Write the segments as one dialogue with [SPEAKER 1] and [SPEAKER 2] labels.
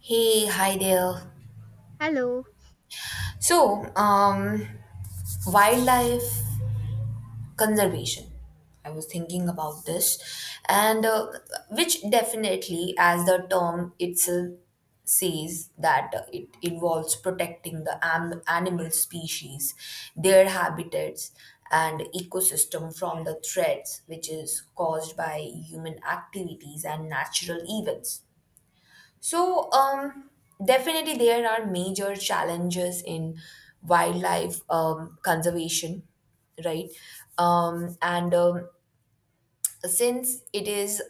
[SPEAKER 1] Hey, hi there.
[SPEAKER 2] Hello.
[SPEAKER 1] So, um, Wildlife conservation. I was thinking about this, and which definitely, as the term itself says, that it involves protecting the animal species, their habitats, and ecosystem from the threats which is caused by human activities and natural events. So, um, Definitely there are major challenges in wildlife conservation, right? And Since it is,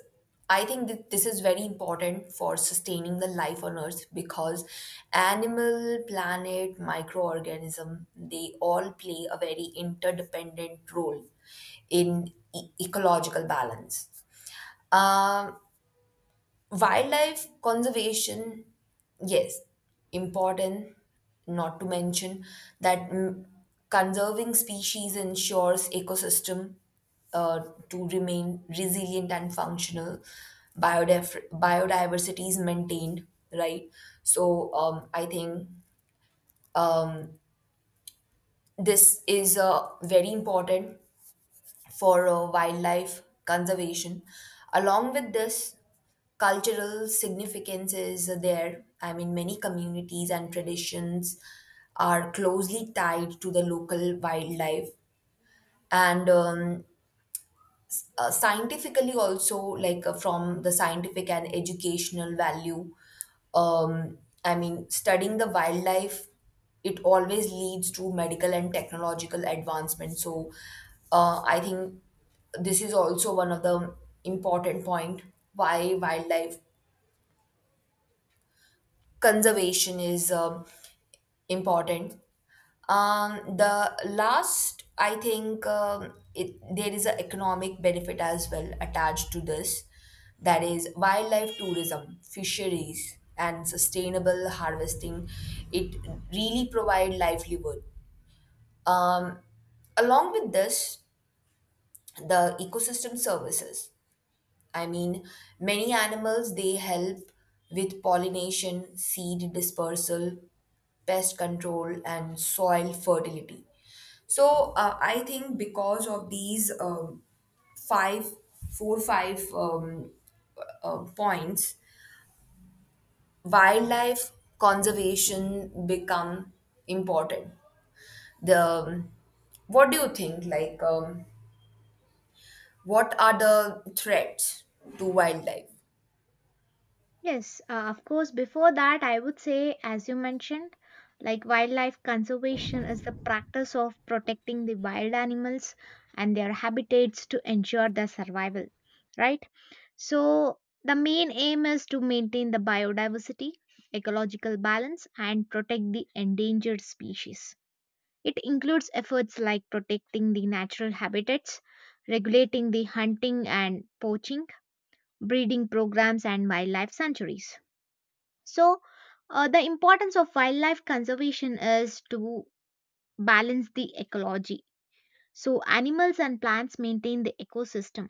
[SPEAKER 1] I think that this is very important for sustaining the life on Earth because animal, planet, microorganism, they all play a very interdependent role in ecological balance. Um, Wildlife conservation, yes, important, not to mention that, conserving species ensures ecosystem uh, to remain resilient and functional. Biodiversity is maintained, right? So I think um, this is very important for wildlife conservation. Along with this, cultural significance is there. I mean, many communities and traditions are closely tied to the local wildlife, and scientifically also like from the scientific and educational value, um, I mean studying the wildlife, it always leads to medical and technological advancement. So I think this is also one of the important point why wildlife conservation is important. The last, I think, there is an economic benefit as well attached to this. That is wildlife tourism, fisheries, and sustainable harvesting. It really provide livelihood. Um, Along with this, the ecosystem services. I mean, many animals they help with pollination, seed dispersal, pest control and soil fertility. So I think because of these five, four, five points, wildlife conservation become important. The What do you think? Like, what are the threats to wildlife?
[SPEAKER 2] Yes, of course. Before that, I would say, as you mentioned, like wildlife conservation is the practice of protecting the wild animals and their habitats to ensure their survival, right? So, the main aim is to maintain the biodiversity, ecological balance, and protect the endangered species. It includes efforts like protecting the natural habitats, regulating the hunting and poaching, breeding programs, and wildlife sanctuaries. So, the importance of wildlife conservation is to balance the ecology. So, animals and plants maintain the ecosystem.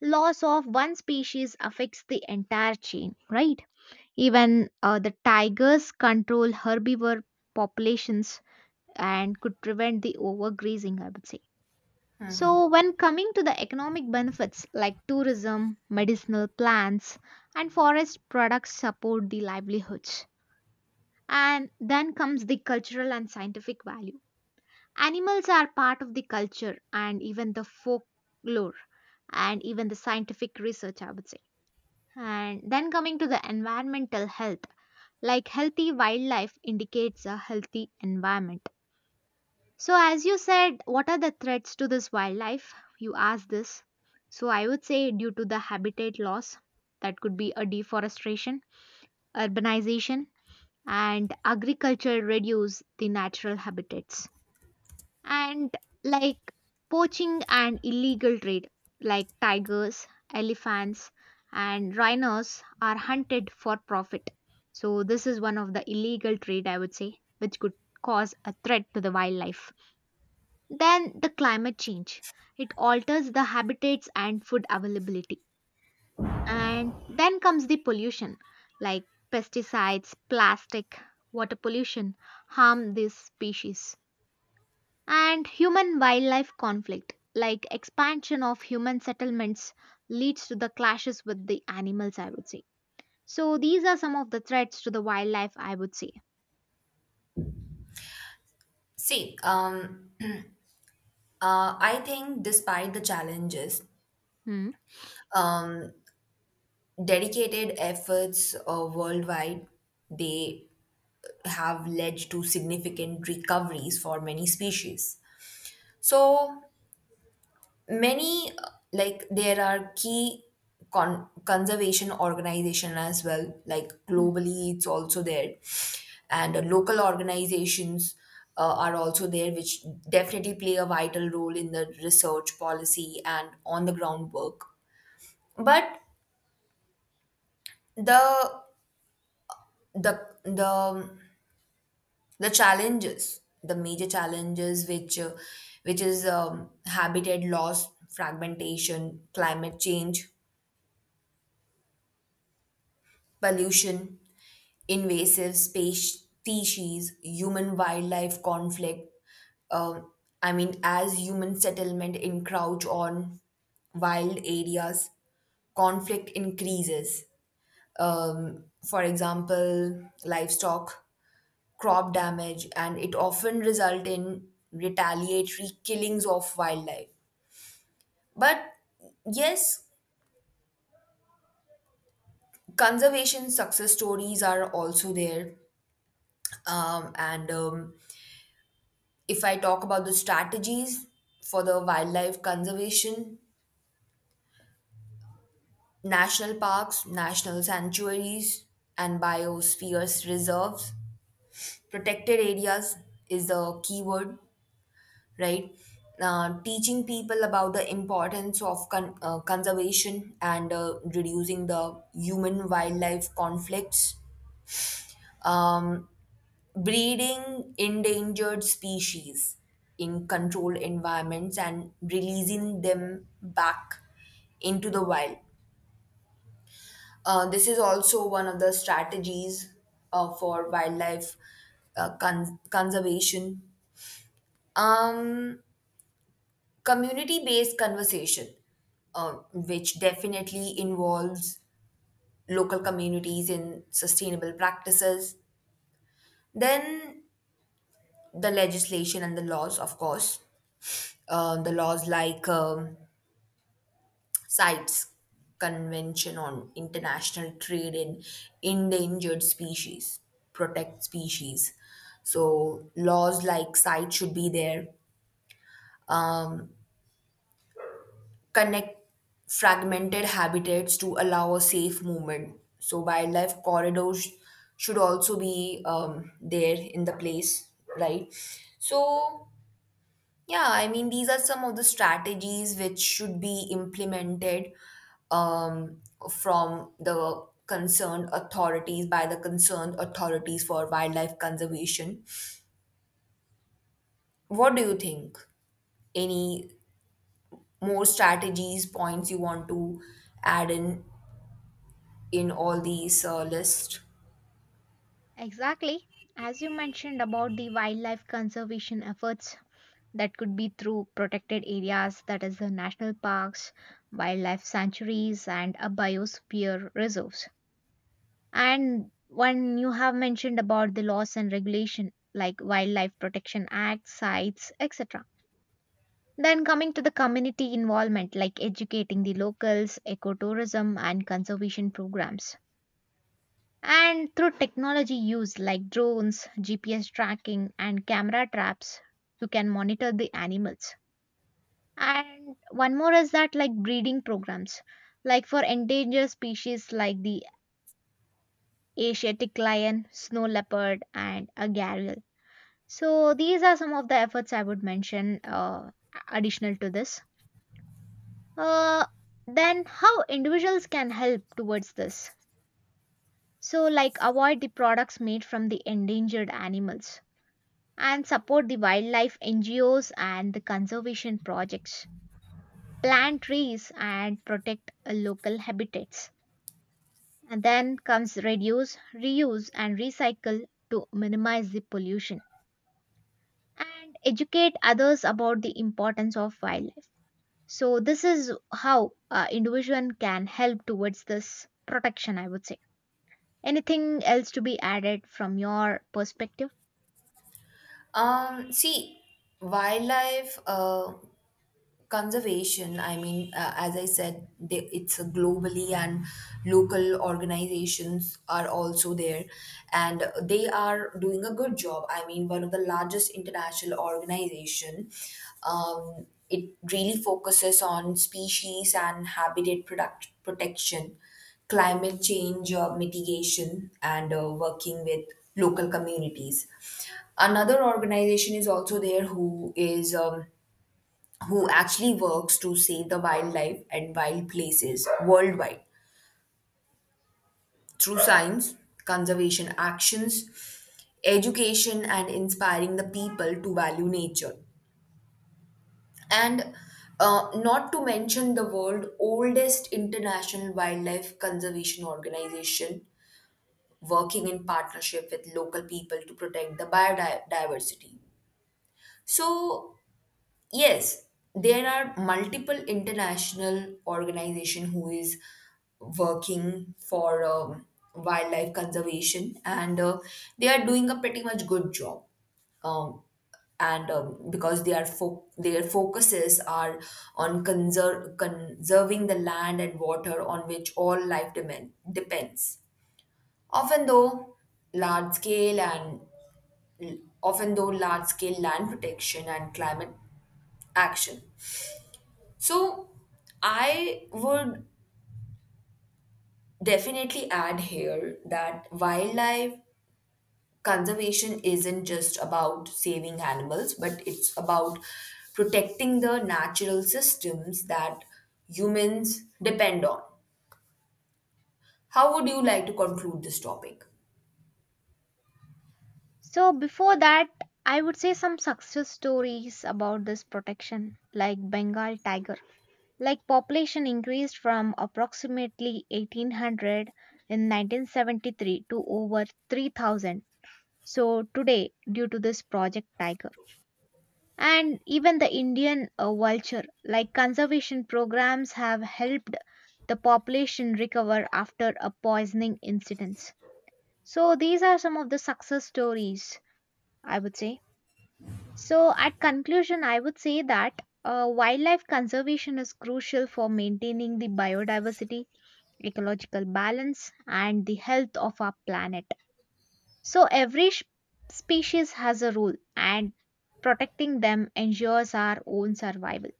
[SPEAKER 2] Loss of one species affects the entire chain, right? Even the tigers control herbivore populations and could prevent the overgrazing, I would say. So, when coming to the economic benefits like tourism, medicinal plants, and forest products support the livelihoods. And then comes the cultural and scientific value. Animals are part of the culture and even the folklore and even the scientific research, I would say. And then coming to the environmental health, like healthy wildlife indicates a healthy environment. So, as you said, what are the threats to this wildlife? You asked this. So, I would say due to the habitat loss, that could be a deforestation, urbanization, and agriculture reduce the natural habitats and, like, poaching and illegal trade like tigers, elephants, and rhinos are hunted for profit. So this is one of the illegal trade, I would say, which could cause a threat to the wildlife. Then the climate change, it alters the habitats and food availability. And then comes the pollution, like pesticides, plastic, water pollution harm these species. And human wildlife conflict, like expansion of human settlements leads to the clashes with the animals, I would say. So these are some of the threats to the wildlife, I would say.
[SPEAKER 1] See, I think despite the challenges,
[SPEAKER 2] Hmm.
[SPEAKER 1] um, dedicated efforts worldwide, they have led to significant recoveries for many species. So many like, there are key conservation organization as well, like
[SPEAKER 2] Hmm.
[SPEAKER 1] globally, it's also there, and local organizations are also there, which definitely play a vital role in the research policy and on the ground work. But the the the the challenges, the major challenges which is habitat loss, fragmentation, climate change, pollution, invasive space species, human wildlife conflict. um, I mean, as human settlement encroach on wild areas, conflict increases. For example, livestock, crop damage, and it often result in retaliatory killings of wildlife. But yes, conservation success stories are also there. And If I talk about the strategies for the wildlife conservation: national parks, national sanctuaries, and biospheres reserves, protected areas is the keyword, right? Teaching people about the importance of conservation and reducing the human wildlife conflicts, um, breeding endangered species in controlled environments and releasing them back into the wild. This is also one of the strategies for wildlife conservation. Um, Community based conversation, which definitely involves local communities in sustainable practices. Then the legislation and the laws, of course, the laws like CITES, Convention on International Trade in Endangered Species, protect species. So laws like CITES should be there. Um, Connect fragmented habitats to allow a safe movement. So wildlife corridors should also be there in the place, right? So yeah, I mean these are some of the strategies which should be implemented um, from the concerned authorities, by the concerned authorities, for wildlife conservation. What do you think? Any more strategies, points you want to add in all these lists.
[SPEAKER 2] Exactly. As you mentioned about the wildlife conservation efforts, that could be through protected areas, that is the national parks, wildlife sanctuaries, and a biosphere reserves. And when you have mentioned about the laws and regulation like wildlife protection act, sites, etc. Then coming to the community involvement like educating the locals, ecotourism, and conservation programs. And through technology use like drones, gps tracking, and camera traps, you can monitor the animals. And one more is that, like, breeding programs, like for endangered species like the Asiatic lion, snow leopard, and a gharial. So these are some of the efforts I would mention, additional to this. Uh, then how individuals can help towards this? So like avoid the products made from the endangered animals and support the wildlife NGOs and the conservation projects. Plant trees and protect local habitats. And then comes reduce, reuse, and recycle to minimize the pollution and educate others about the importance of wildlife. So, this is how individual can help towards this protection, I would say. Anything else to be added from your perspective?
[SPEAKER 1] See, wildlife. Conservation, I mean, as I said they, it's a globally, and local organizations are also there, and they are doing a good job. I mean, one of the largest international organization, it really focuses on species and habitat protection, climate change mitigation, and working with local communities. Another organization is also there who is who actually works to save the wildlife and wild places worldwide through science, conservation actions, education, and inspiring the people to value nature. And not to mention the world's oldest international wildlife conservation organization working in partnership with local people to protect the biodiversity. So, yes, there are multiple international organization who is working for wildlife conservation, and they are doing a pretty much good job. Um, and Because they are their focuses are on conserving the land and water on which all life depends. Often, though, large scale and Often though, large scale land protection and climate action. So, I would definitely add here that wildlife conservation isn't just about saving animals, but it's about protecting the natural systems that humans depend on. How would you like to conclude this topic?
[SPEAKER 2] So, before that, I would say some success stories about this protection, like Bengal tiger. Like population increased from approximately 1800 in 1973 to over 3,000, so today, due to this project tiger. And even the indian vulture, like conservation programs have helped the population recover after a poisoning incidents. So these are some of the success stories, I would say. So at conclusion I would say that wildlife conservation is crucial for maintaining the biodiversity, ecological balance, and the health of our planet. So, every species has a role, and protecting them ensures our own survival.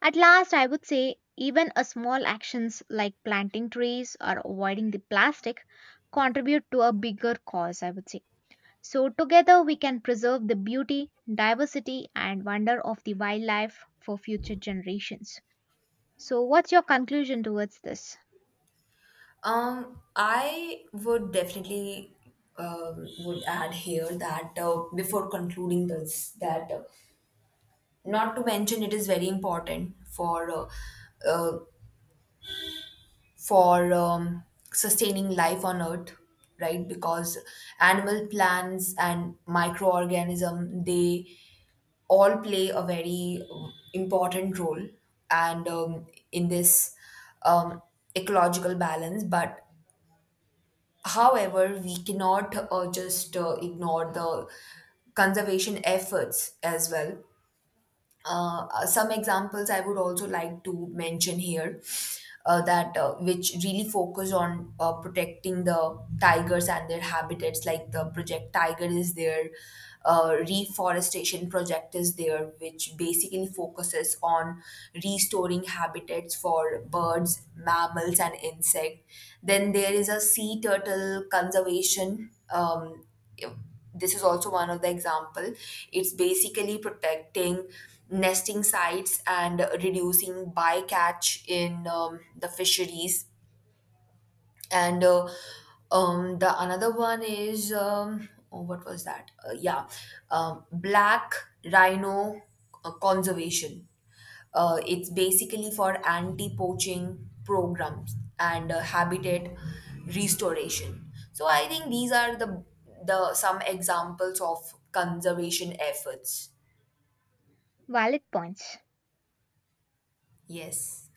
[SPEAKER 2] At last, I would say even a small actions like planting trees or avoiding the plastic contribute to a bigger cause, I would say. So, together we can preserve the beauty, diversity, and wonder of the wildlife for future generations. So, what's your conclusion towards this?
[SPEAKER 1] I would definitely would add here that before concluding this, that not to mention it is very important for uh, for um, sustaining life on earth, right? Because animal, plants, and microorganism, they all play a very important role and in this um, ecological balance. But however, we cannot just ignore the conservation efforts as well. Some examples I would also like to mention here, that which really focus on protecting the tigers and their habitats, like the Project Tiger is there, reforestation project is there, which basically focuses on restoring habitats for birds, mammals, and insects. Then there is a sea turtle conservation. This is also one of the example. It's basically protecting nesting sites and reducing bycatch in the fisheries. And The another one is um oh, what was that yeah, black rhino conservation. It's basically for anti-poaching programs and habitat restoration. So I think these are the some examples of conservation efforts.
[SPEAKER 2] Valid points.
[SPEAKER 1] Yes.